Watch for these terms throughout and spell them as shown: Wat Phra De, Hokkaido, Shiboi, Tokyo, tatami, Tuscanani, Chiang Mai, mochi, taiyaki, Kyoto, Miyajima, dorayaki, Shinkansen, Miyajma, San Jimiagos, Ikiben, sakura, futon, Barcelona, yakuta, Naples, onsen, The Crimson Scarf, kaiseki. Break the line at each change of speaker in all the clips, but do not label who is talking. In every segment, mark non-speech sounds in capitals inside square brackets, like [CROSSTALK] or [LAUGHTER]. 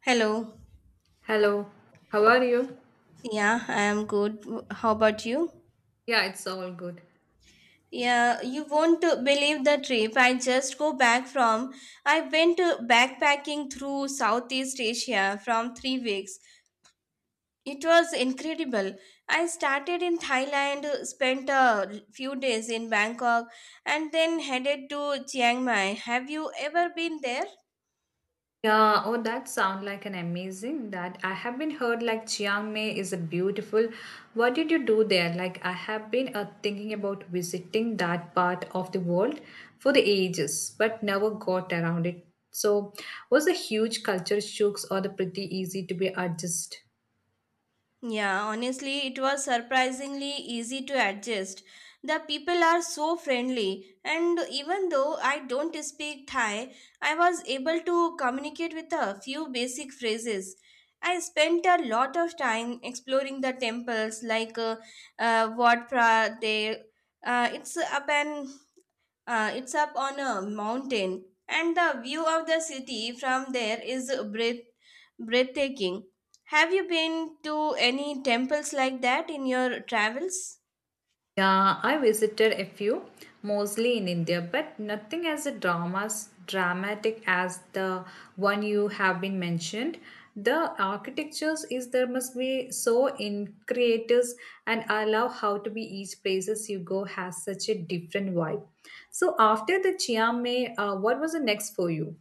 Hello.
Hello, how are you?
Yeah, I am good. How about you?
Yeah, it's all good.
Yeah, you won't believe the trip I just go back from. I went backpacking through Southeast Asia from 3 weeks. It was incredible. I started in Thailand, spent a few days in Bangkok, and then headed to Chiang Mai. Have you ever been there?
Yeah, oh, that sound like an amazing that I have been heard like Chiang Mai is a beautiful. What did you do there? Like I have been thinking about visiting that part of the world for the ages, but never got around it. So, was the huge culture shocks or the pretty easy to be adjust?
Yeah, honestly, it was surprisingly easy to adjust. The people are so friendly, and even though I don't speak Thai, I was able to communicate with a few basic phrases. I spent a lot of time exploring the temples like Wat Phra De. It's up and it's up on a mountain, and the view of the city from there is breathtaking. Have you been to any temples like that in your travels?
Yeah, I visited a few, mostly in India, but nothing as a dramas dramatic as the one you have been mentioned. The architectures is there must be so in creators and I love how to be each places you go has such a different vibe. So after the Chiang Mai, what was the next for you?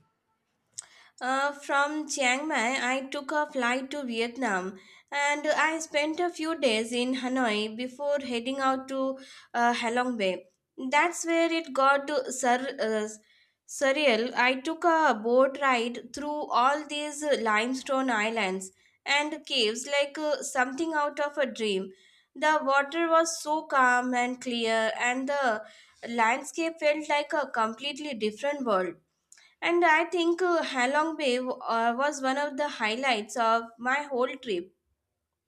From Chiang Mai, I took a flight to Vietnam and I spent a few days in Hanoi before heading out to Halong Bay. That's where it got to surreal. I took a boat ride through all these limestone islands and caves like something out of a dream. The water was so calm and clear, and the landscape felt like a completely different world. And I think Halong Bay was one of the highlights of my whole trip.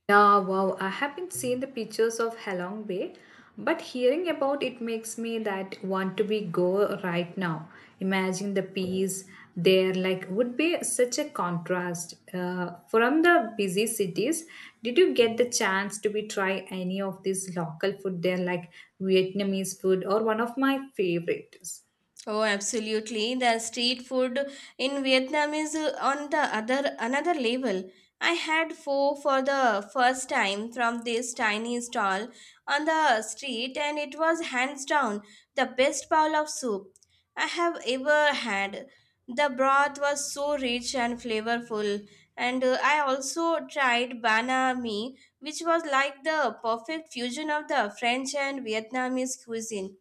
Yeah, wow. I haven't seen the pictures of Halong Bay, but hearing about it makes me that want to be go right now. Imagine the peace there like would be such a contrast from the busy cities. Did you get the chance to be try any of this local food there like Vietnamese food or one of my favorites?
Oh, absolutely. The street food in Vietnam is on the other another level. I had pho for the first time from this tiny stall on the street, and it was hands down the best bowl of soup I have ever had. The broth was so rich and flavorful, and I also tried banh mi, which was like the perfect fusion of the French and Vietnamese cuisine.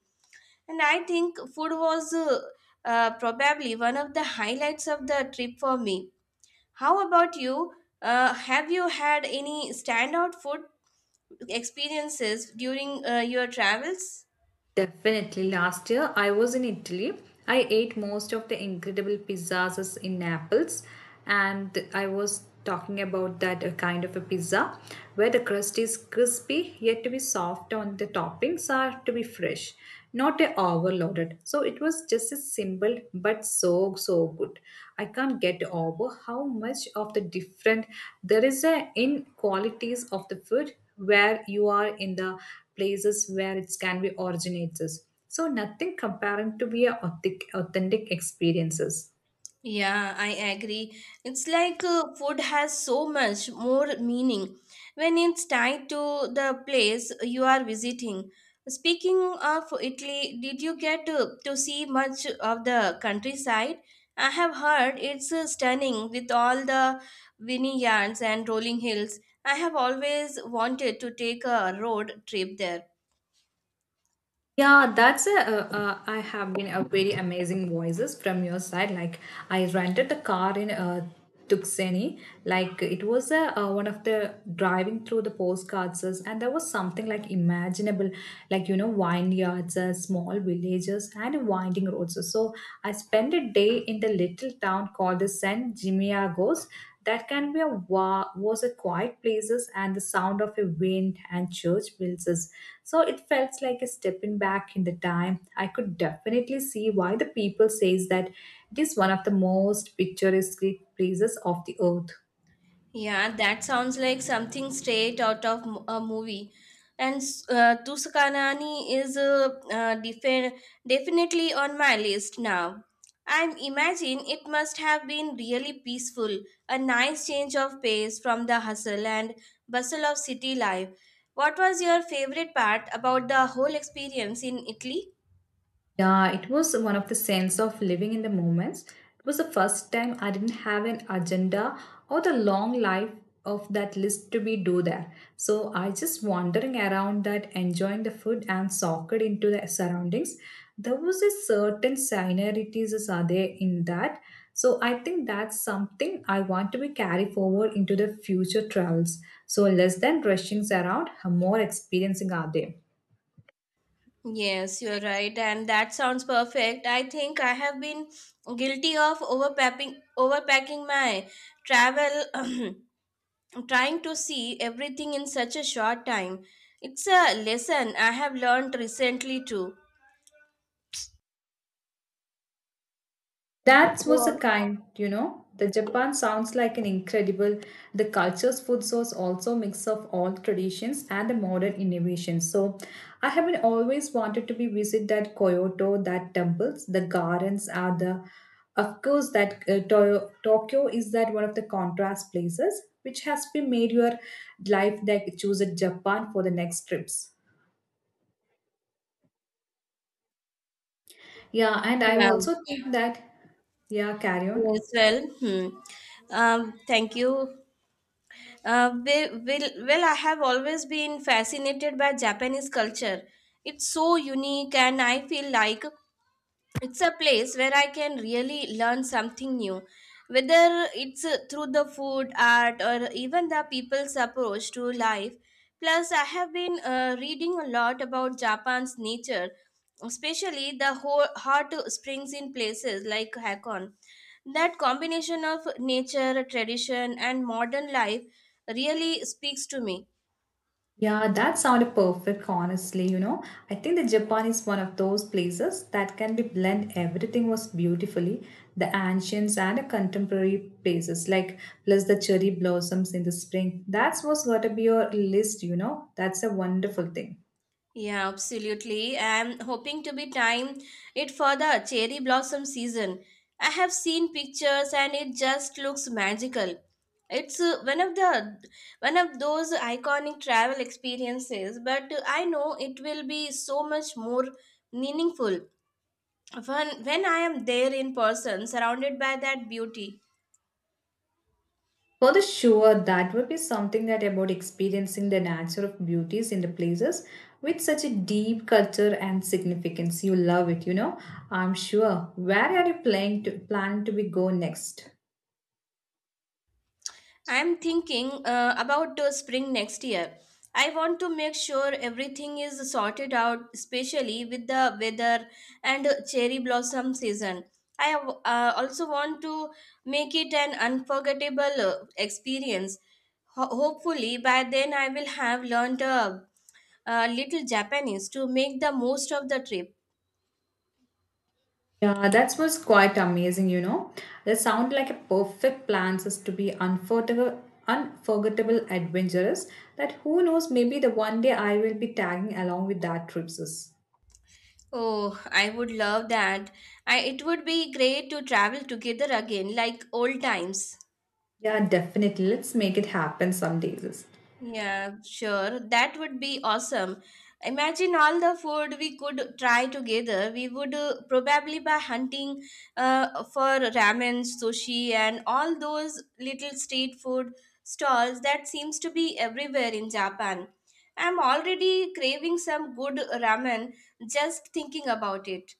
And I think food was probably one of the highlights of the trip for me. How about you? Have you had any standout food experiences during your travels?
Definitely. Last year, I was in Italy. I ate most of the incredible pizzas in Naples, and I was talking about that kind of a pizza where the crust is crispy yet to be soft on the toppings are to be fresh not a overloaded so it was just a symbol but so so good. I can't get over how much of the different there is a in qualities of the food where you are in the places where it can be originates so nothing comparing to be a authentic experiences.
Yeah, I agree. It's like food has so much more meaning when it's tied to the place you are visiting. Speaking of Italy, did you get to see much of the countryside? I have heard it's stunning with all the vineyards and rolling hills. I have always wanted to take a road trip there.
Yeah, that's I have been a very amazing voices from your side. Like I rented the car in Tuxeni. Like it was one of the driving through the postcards, and there was something like imaginable, like you know vineyards, small villages, and winding roads. So I spent a day in the little town called the San Jimiagos. That can be a wa- was a quiet places and the sound of a wind and church bells so it felt like a stepping back in the time. I could definitely see why the people says that it is one of the most picturesque places of the earth.
Yeah, that sounds like something straight out of a movie. And Tuscanani is definitely on my list now. I imagine it must have been really peaceful, a nice change of pace from the hustle and bustle of city life. What was your favorite part about the whole experience in Italy?
Yeah, it was one of the sense of living in the moments. It was the first time I didn't have an agenda or the long life of that list to be do there. So I just wandering around that, enjoying the food and soaked into the surroundings. There was a certain scenarities as are there in that. So I think that's something I want to be carry forward into the future travels. So less than rushing around, more experiencing are there.
Yes, you're right, and that sounds perfect. I think I have been guilty of overpacking my travel, [CLEARS THROAT] trying to see everything in such a short time. It's a lesson I have learned recently too.
That
Go
was a
on.
kind, you know. The Japan sounds like an incredible. The culture's food source also mix of all traditions and the modern innovations. So, I have been always wanted to be visit that Kyoto, that temples, the gardens are the, of course, that Tokyo is that one of the contrast places which has been made your life that choose a Japan for the next trips. Yeah, and I
Yeah.
also think that yeah, carry on.
Yes. Well. Hmm. Thank you. Well, I have always been fascinated by Japanese culture. It's so unique, and I feel like it's a place where I can really learn something new, whether it's through the food, art, or even the people's approach to life. Plus, I have been reading a lot about Japan's nature, especially the hot springs in places like Hakon. That combination of nature, tradition, and modern life really speaks to me.
Yeah, that sounded perfect, honestly. You know, I think that Japan is one of those places that can be blend everything was beautifully, the ancients and the contemporary places, like plus the cherry blossoms in the spring. That's what's got to be your list, you know. That's a wonderful thing.
Yeah, absolutely. I'm hoping to be time it for the cherry blossom season. I have seen pictures and it just looks magical. It's one of those iconic travel experiences, but I know it will be so much more meaningful when I am there in person, surrounded by that beauty.
For the sure, that would be something that about experiencing the nature of beauties in the places with such a deep culture and significance. You love it, you know. I'm sure. Where are you plan to be go next?
I'm thinking about the spring next year. I want to make sure everything is sorted out, especially with the weather and cherry blossom season. I have, also want to make it an unforgettable experience. Hopefully, by then, I will have learned a little Japanese to make the most of the trip.
Yeah, that was quite amazing, you know. That sound like a perfect plan just to be unforgettable, unforgettable adventurous that who knows maybe the one day I will be tagging along with that trip sis.
Oh, I would love that. It would be great to travel together again, like old times.
Yeah, definitely. Let's make it happen some days.
Yeah, sure. That would be awesome. Imagine all the food we could try together. We would probably by hunting for ramen, sushi, and all those little street food stalls that seems to be everywhere in Japan. I'm already craving some good ramen just thinking about it.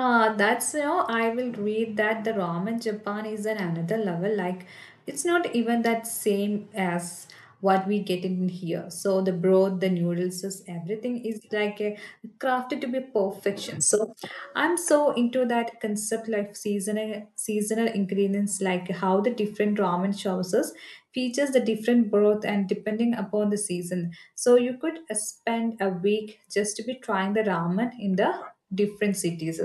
Ah, that's you know, I will read that the ramen Japan is at another level. Like, it's not even that same as what we get in here. So the broth, the noodles, is everything is like a, crafted to be perfection. So I'm so into that concept, like seasonal ingredients, like how the different ramen sauces features the different broth and depending upon the season. So you could spend a week just to be trying the ramen in the different cities.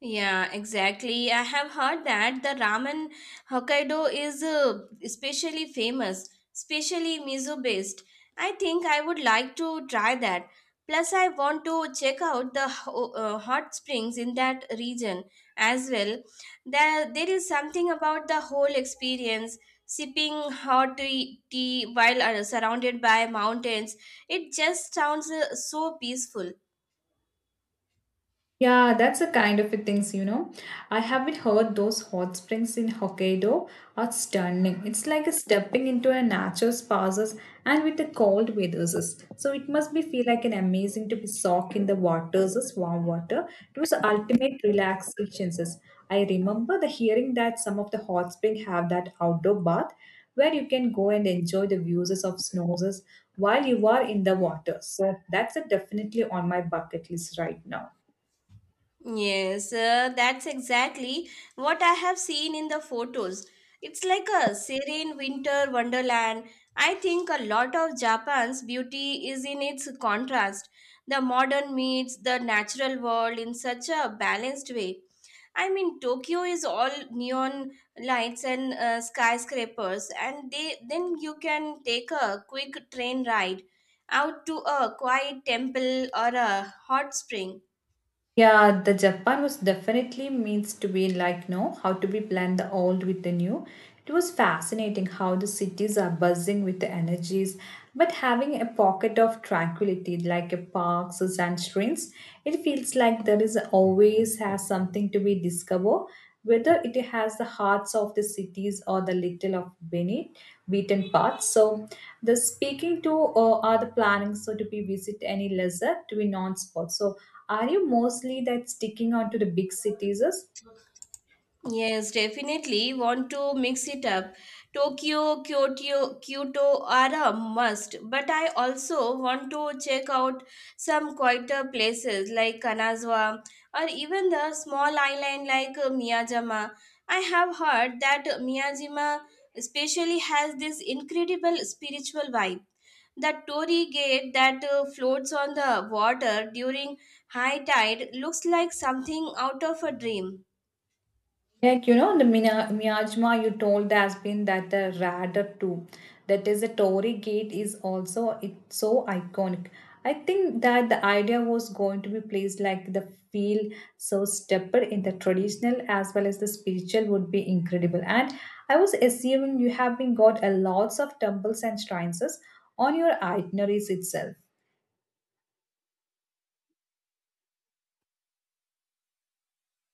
Yeah, exactly. I have heard that the ramen Hokkaido is especially famous, especially miso based. I think I would like to try that. Plus, I want to check out the hot springs in that region as well. There is something about the whole experience, sipping hot tea while surrounded by mountains. It just sounds so peaceful.
Yeah, that's the kind of a things, you know. I haven't heard those hot springs in Hokkaido are stunning. It's like a stepping into a natural spas and with the cold weathers. So it must be feel like an amazing to be soaked in the waters, as warm water. It was the ultimate relaxation. I remember the hearing that some of the hot spring have that outdoor bath where you can go and enjoy the views of snows while you are in the water. So that's a definitely on my bucket list right now.
Yes, that's exactly what I have seen in the photos. It's like a serene winter wonderland. I think a lot of Japan's beauty is in its contrast. The modern meets the natural world in such a balanced way. I mean, Tokyo is all neon lights and skyscrapers, and then you can take a quick train ride out to a quiet temple or a hot spring.
Yeah, the Japan was definitely means to be like no, how to be blend the old with the new. It was fascinating how the cities are buzzing with the energies, but having a pocket of tranquility like a parks and streams, it feels like there is always has something to be discovered whether it has the hearts of the cities or the little of beneath beaten paths. So the speaking to are the planning so to be visit any lesser to be non-spot. So are you mostly that sticking on to the big cities? Is?
Yes, definitely want to mix it up. Tokyo, Kyoto are a must, but I also want to check out some quieter places like Kanazawa or even the small island like Miyajima. I have heard that Miyajima especially has this incredible spiritual vibe. The torii gate that floats on the water during high tide looks like something out of a dream.
Like, you know, the Miyajma you told has been that the radar too. That is the Tory gate is also it's so iconic. I think that the idea was going to be placed like the feel so stepper in the traditional as well as the spiritual would be incredible. And I was assuming you have been got a lots of temples and shrines on your itineraries itself.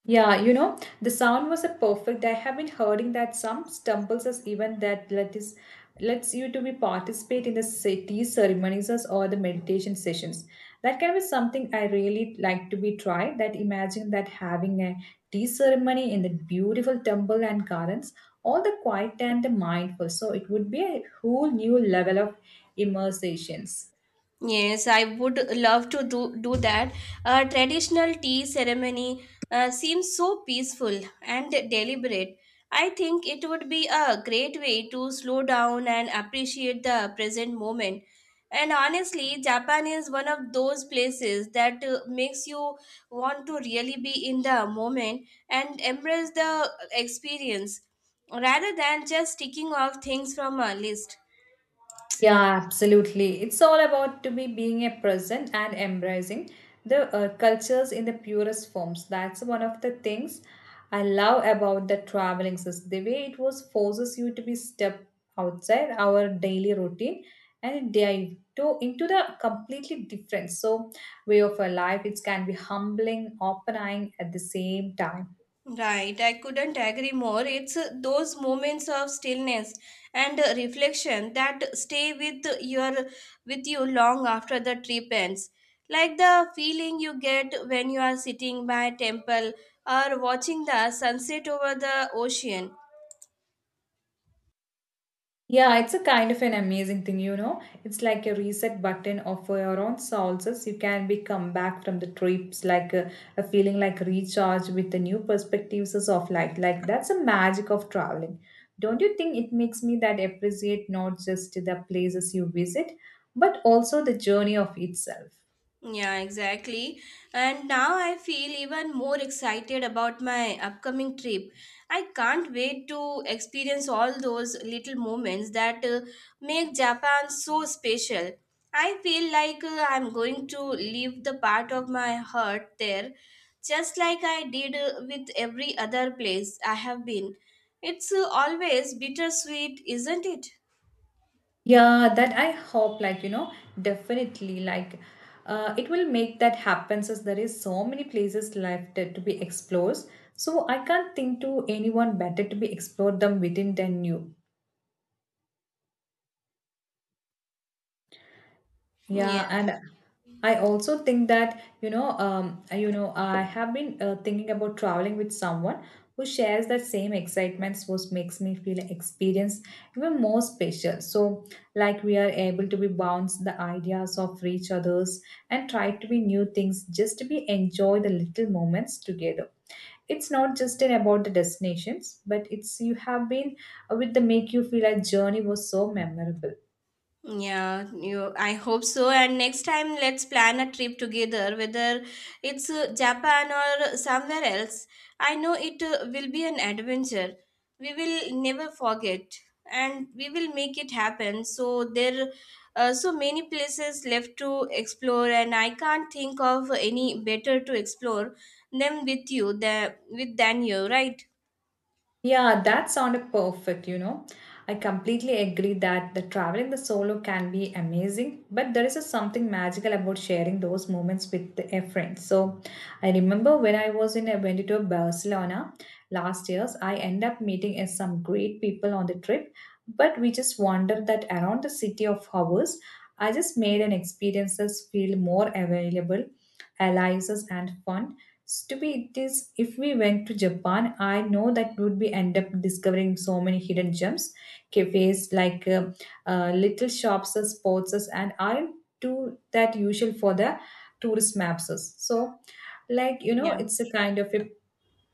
Yeah, you know, the sound was a perfect. I have been hearing that some stumbles as even that let is lets you to be participate in the city ceremonies as or the meditation sessions. That can be something I really like to be tried. That imagine that having a tea ceremony in the beautiful temple and gardens, all the quiet and the mindful. So it would be a whole new level of immersions.
Yes, I would love to do that. A traditional tea ceremony seems so peaceful and deliberate. I think it would be a great way to slow down and appreciate the present moment. And honestly, Japan is one of those places that makes you want to really be in the moment and embrace the experience rather than just ticking off things from a list.
Yeah, absolutely. It's all about to be being a present and embracing the cultures in the purest forms. That's one of the things I love about the traveling system. The way it was forces you to be step outside our daily routine and dive to into the completely different so way of a life. It can be humbling, open-eyeing at the same time.
Right, I couldn't agree more. It's those moments of stillness and reflection that stay with you long after the trip ends. Like the feeling you get when you are sitting by a temple or watching the sunset over the ocean.
Yeah, it's a kind of an amazing thing, you know. It's like a reset button of your own sources. You can be come back from the trips like a feeling like recharged with the new perspectives of life. Like that's the magic of traveling. Don't you think it makes me that appreciate not just the places you visit, but also the journey of itself?
Yeah, exactly. And now I feel even more excited about my upcoming trip. I can't wait to experience all those little moments that make Japan so special. I feel like I'm going to leave the part of my heart there, just like I did with every other place I have been. It's always bittersweet, isn't it?
Yeah, that I hope, like, you know, definitely, like, it will make that happen since there is so many places left to be explored. So I can't think to anyone better to be explored them within than you.
Yeah.
Yeah, and I also think that you know, I have been thinking about traveling with someone who shares that same excitement, which makes me feel experience even more special. So, like we are able to be bounce the ideas of each others and try to be new things, just to be enjoy the little moments together. It's not just in about the destinations, but it's you have been with the make you feel a journey was so memorable.
Yeah, I hope so. And next time, let's plan a trip together, whether it's Japan or somewhere else. I know it will be an adventure. We will never forget, and we will make it happen. So there are so many places left to explore, and I can't think of any better to explore them with you than with than you, right?
Yeah, that sounded perfect, you know. I completely agree that the traveling the solo can be amazing, but there is a something magical about sharing those moments with a friend. So I remember when I was in I went to Barcelona last year's, I end up meeting some great people on the trip, but we just wandered that around the city of hours. I just made an experiences feel more available, allies and fun. Stupid it is if we went to Japan, I know that would be end up discovering so many hidden gems, cafes like little shops or sports as and aren't too that usual for the tourist maps. As. So, like you know,
Yeah.
it's a kind of a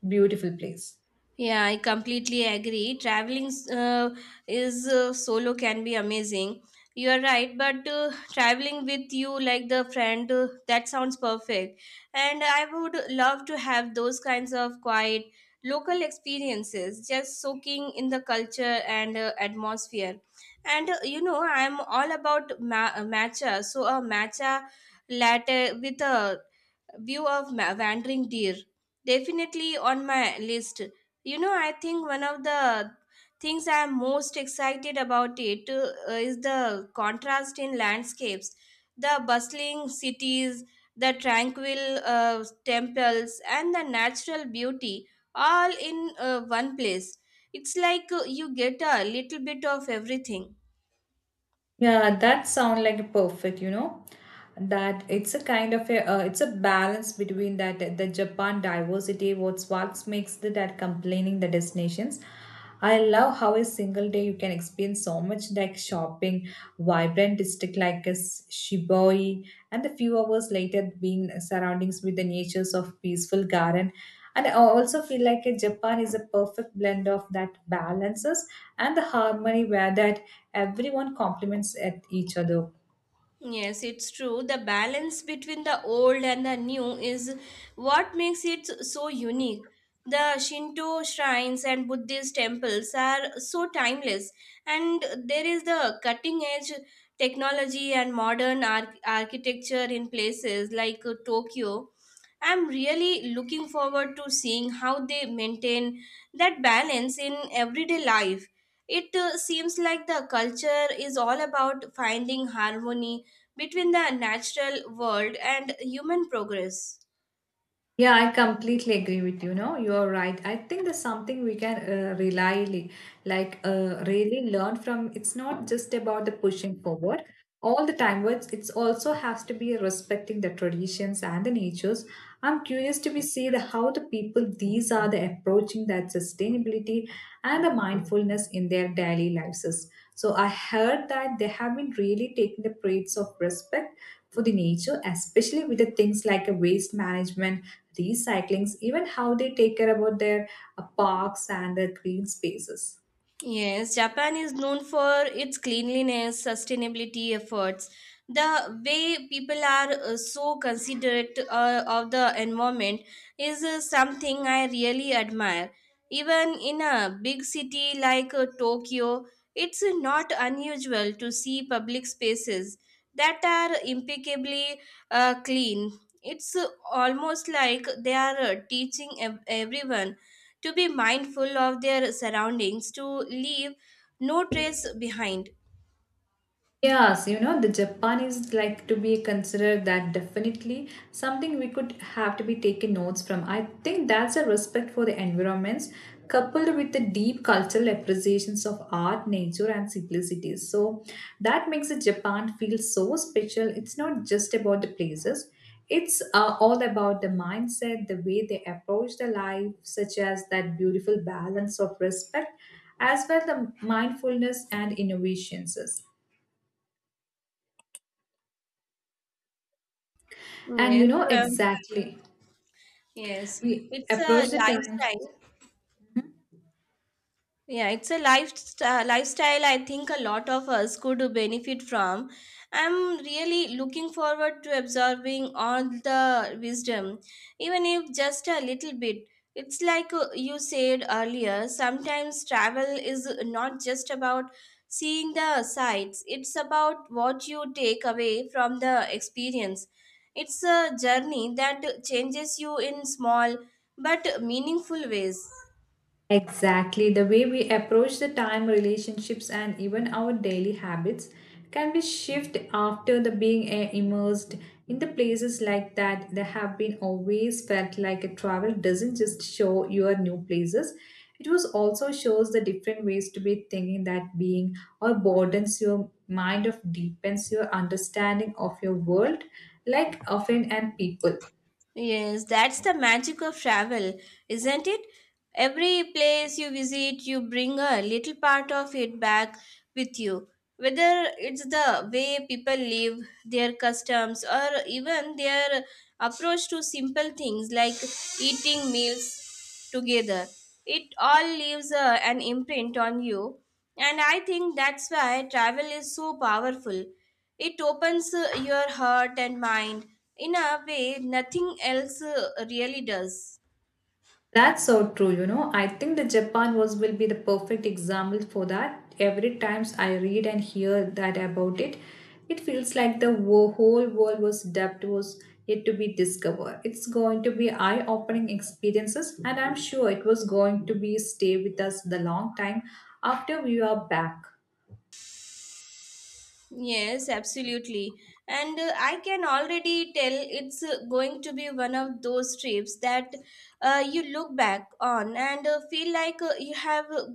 beautiful place.
Yeah, I completely agree. Traveling is solo can be amazing. You are right, but traveling with you like the friend that sounds perfect. And I would love to have those kinds of quiet local experiences, just soaking in the culture and atmosphere. And you know, I'm all about matcha, so a matcha latte with a view of wandering deer definitely on my list. You know, I think one of the things I am most excited about it is the contrast in landscapes, the bustling cities, the tranquil temples, and the natural beauty all in one place. It's like you get a little bit of everything.
Yeah, that sound like a perfect, you know. That it's a kind of a it's a balance between that the Japan diversity what's what makes the, that complaining the destinations. I love how a single day you can experience so much like shopping, vibrant district like as Shiboi, and a few hours later being surroundings with the natures of peaceful garden. And I also feel like a Japan is a perfect blend of that balances and the harmony where that everyone compliments at each other.
Yes, it's true. The balance between the old and the new is what makes it so unique. The Shinto shrines and Buddhist temples are so timeless, and there is the cutting edge technology and modern architecture in places like Tokyo. I'm really looking forward to seeing how they maintain that balance in everyday life. It seems like the culture is all about finding harmony between the natural world and human progress.
Yeah, I completely agree with you. No, you are right. I think there's something we can rely, like really learn from. It's not just about the pushing forward all the time, but it's also has to be respecting the traditions and the natures. I'm curious to be see the how the people these are the approaching that sustainability and the mindfulness in their daily lives. Is. So I heard that they have been really taking the traits of respect for the nature, especially with the things like a waste management recyclings, even how they take care about their parks and their green spaces.
Yes, Japan is known for its cleanliness, sustainability efforts. The way people are so considerate of the environment is something I really admire. Even in a big city like Tokyo, it's not unusual to see public spaces that are impeccably clean. It's almost like they are teaching everyone to be mindful of their surroundings, to leave no trace behind.
Yes, you know, the Japanese like to be considered that definitely something we could have to be taken notes from. I think that's a respect for the environments coupled with the deep cultural appreciations of art, nature, and simplicity. So that makes the Japan feel so special. It's not just about the places. It's all about the mindset, the way they approach the life, such as that beautiful balance of respect, as well the mindfulness and innovations. And
Yes,
you know
um,
exactly,
yes,
we
it's a
approach the times
lifestyle. Yeah, it's a lifestyle I think a lot of us could benefit from. I'm really looking forward to absorbing all the wisdom, even if just a little bit. It's like you said earlier, sometimes travel is not just about seeing the sights, it's about what you take away from the experience. It's a journey that changes you in small but meaningful ways.
exactly the way we approach the time, relationships, and even our daily habits can be shift after the being immersed in the places like that. They have been always felt like a travel doesn't just show your new places. It was also shows the different ways to be thinking that being or broadens your mind of deepens your understanding of your world, like often and people.
Yes, that's the magic of travel, isn't it? Every place you visit, you bring a little part of it back with you. Whether it's the way people live, their customs, or even their approach to simple things like eating meals together. It all leaves an imprint on you, and I think that's why travel is so powerful. It opens your heart and mind in a way nothing else really does.
That's so true, you know. I think the Japan was will be the perfect example for that. Every times I read and hear that about it, it feels like the whole world was depth was yet to be discovered. It's going to be eye-opening experiences, and I'm sure it was going to be stay with us the long time after we are back.
Yes, absolutely. And I can already tell it's going to be one of those trips that you look back on and feel like you have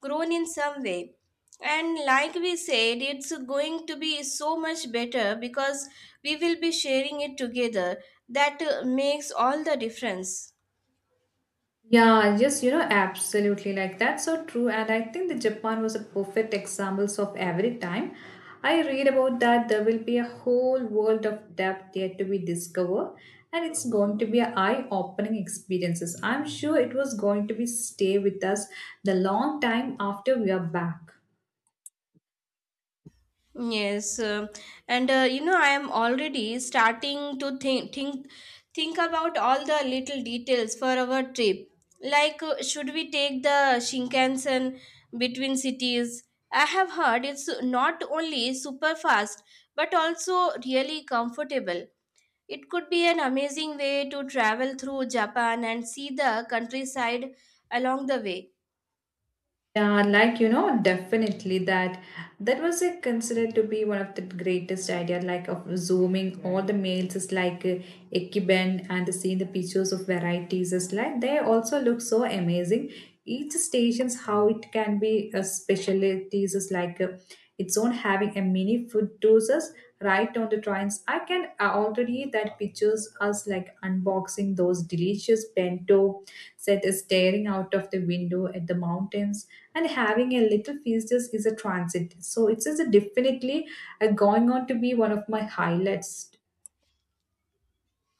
grown in some way. And like we said, it's going to be so much better because we will be sharing it together. That makes all the difference.
Yeah, yes, you know, absolutely. Like that's so true. And I think that Japan was a perfect examples of every time. I read about that there will be a whole world of depth yet to be discovered, and it's going to be an eye-opening experiences. I'm sure it was going to be stay with us the long time after we are back.
Yes, and you know, I am already starting to think about all the little details for our trip. Like, should we take the Shinkansen between cities? I have heard it's not only super fast but also really comfortable. It could be an amazing way to travel through Japan and see the countryside along the way.
Yeah, like you know, definitely that was considered to be one of the greatest idea, like of zooming all the males is like Ikiben and seeing the pictures of varieties is like they also look so amazing. Each stations how it can be a specialties is like its own having a mini food doses right on the trains. I can already that pictures us like unboxing those delicious bento, set staring out of the window at the mountains and having a little feast is a transit. So it is a definitely going on to be one of my highlights.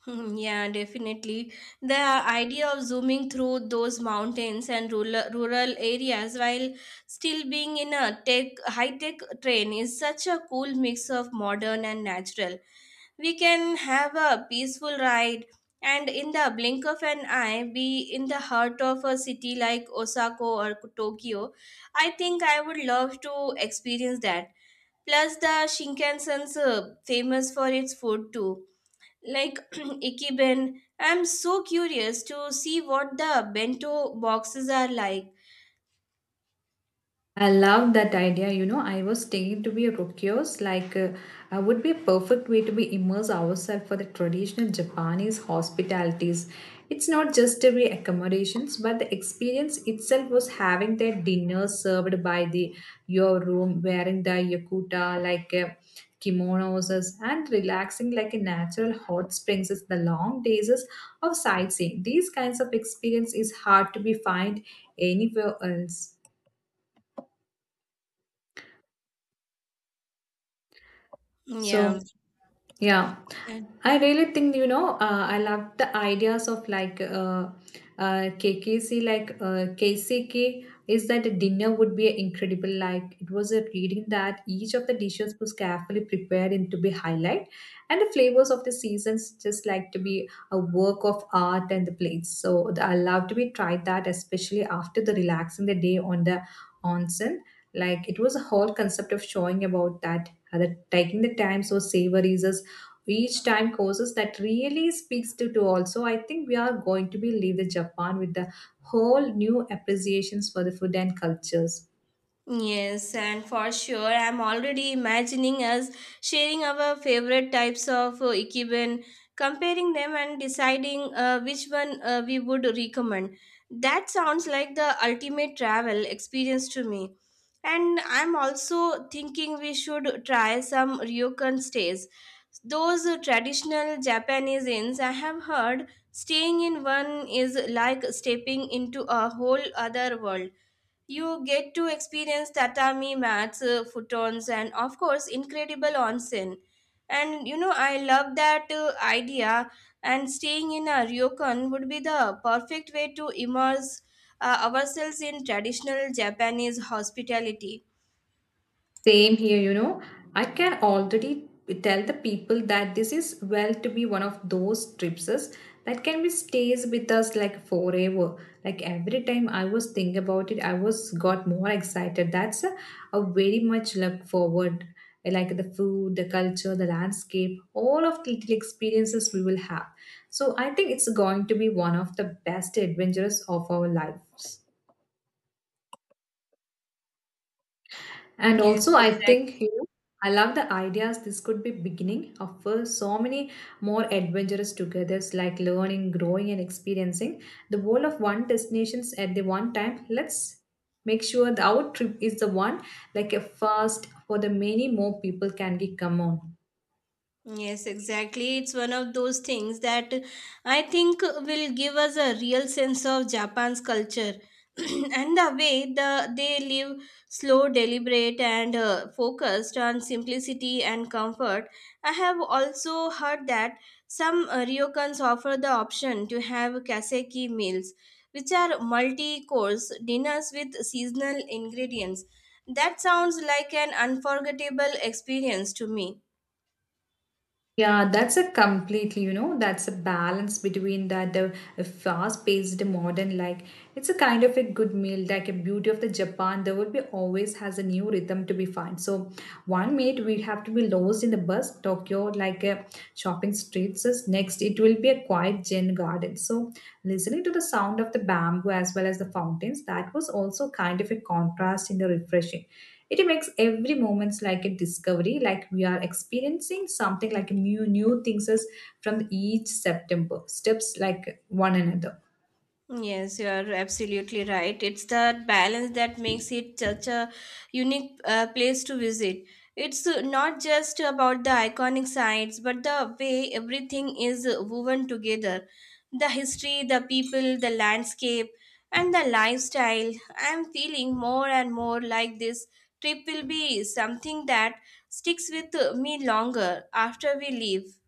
Mhm, yeah, definitely. The idea of zooming through those mountains and rural areas while still being in a tech high-tech train is such a cool mix of modern and natural. We can have a peaceful ride and in the blink of an eye be in the heart of a city like Osaka or Tokyo. I think I would love to experience that. Plus the Shinkansen's famous for its food too, like [CLEARS THROAT] Ikiben. I'm so curious to see what the bento boxes are like.
I love that idea. You know, I was thinking to be a rokiyos, would be a perfect way to be immerse ourselves for the traditional Japanese hospitalities. It's not just the accommodations, but the experience itself was having their dinner served by the your room, wearing the yakuta like kimonos, and relaxing like a natural hot springs. Is the long days is of sightseeing. These kinds of experience is hard to be find anywhere else. So,
Yeah.
yeah, I really think, you know, I love the ideas of KKC, like KCK, is that the dinner would be incredible. Like it was a reading that each of the dishes was carefully prepared and to be highlight, and the flavors of the seasons just like to be a work of art and the plates. So the, I love to be tried that, especially after the relaxing the day on the onsen. Like it was a whole concept of showing about that taking the time so savories us each time courses that really speaks to also I think we are going to be leave the japan with the whole new appreciations for the food and cultures.
Yes, and for sure, I'm already imagining us sharing our favorite types of ikiben, comparing them, and deciding which one we would recommend. That sounds like the ultimate travel experience to me. And I'm also thinking we should try some ryokan stays. Those traditional Japanese inns, I have heard, staying in one is like stepping into a whole other world. You get to experience tatami mats, futons, and of course, incredible onsen. And you know, I love that idea. And staying in a ryokan would be the perfect way to immerse ourselves in traditional Japanese hospitality.
Same here, you know. I can already tell the people that this is well to be one of those trips that can be stays with us like forever. Like every time I was thinking about it, I was got more excited. That's a very much look forward. I like the food, the culture, the landscape, all of the little experiences we will have. So I think it's going to be one of the best adventures of our lives. And
Yes,
also, I think
exactly.
you know, I love the ideas. This could be beginning of so many more adventurous togethers, like learning, growing, and experiencing the world of one destinations at the one time. Let's make sure the our trip is the one like a first for the many more people can be come on.
Yes, exactly. It's one of those things that I think will give us a real sense of Japan's culture [CLEARS THROAT] and the way they live: slow, deliberate, and focused on simplicity and comfort. I have also heard that some ryokans offer the option to have kaseki meals, which are multi-course dinners with seasonal ingredients. That sounds like an unforgettable experience to me.
Yeah, that's a completely, you know, that's a balance between that the fast-paced modern like it's a kind of a good meal, like a beauty of the Japan. There would be always has a new rhythm to be found. So one minute we'd have to be lost in the bus Tokyo like a shopping streets. Is Next, it will be a quiet Zen garden. So listening to the sound of the bamboo as well as the fountains, that was also kind of a contrast in the refreshing. It makes every moment like a discovery, like we are experiencing something like new things as from each September, steps like one another.
Yes, you are absolutely right. It's that balance that makes it such a unique place to visit. It's not just about the iconic sites, but the way everything is woven together: the history, the people, the landscape, and the lifestyle. I'm feeling more and more like this trip will be something that sticks with me longer after we leave.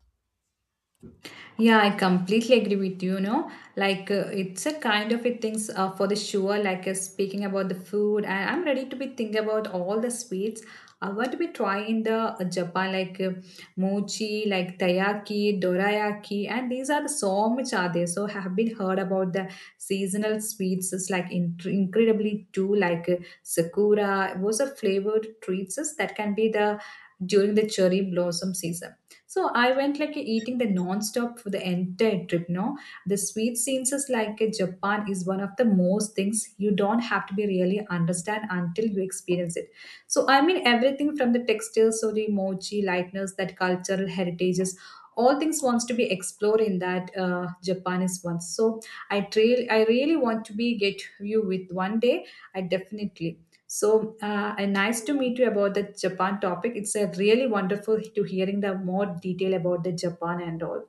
Yeah, I completely agree with you. You know, like it's a kind of a things for the sure. Like speaking about the food, and I'm ready to be thinking about all the sweets. What we try in the Japan, like mochi, like taiyaki, dorayaki, and these are so much are there. So have been heard about the seasonal sweets. Is like incredibly too, like sakura. Those are flavored treats is that can be the during the cherry blossom season so I went like eating the non-stop for the entire trip. No, the sweet scenes is like Japan is one of the most things you don't have to be really understand until you experience it. So I mean everything from the textiles, or the emoji, lightness, that cultural heritages. All things wants to be explored in that Japan is one. So I really want to be get you with one day. I definitely. So, and nice to meet you about the Japan topic. It's a really wonderful to hearing the more detail about the Japan and all.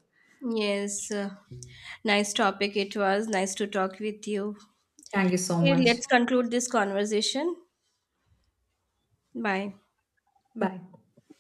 Yes, nice topic it was. Nice to talk with you.
Thank you so
Okay,
much.
let's conclude this conversation. Bye.
Bye.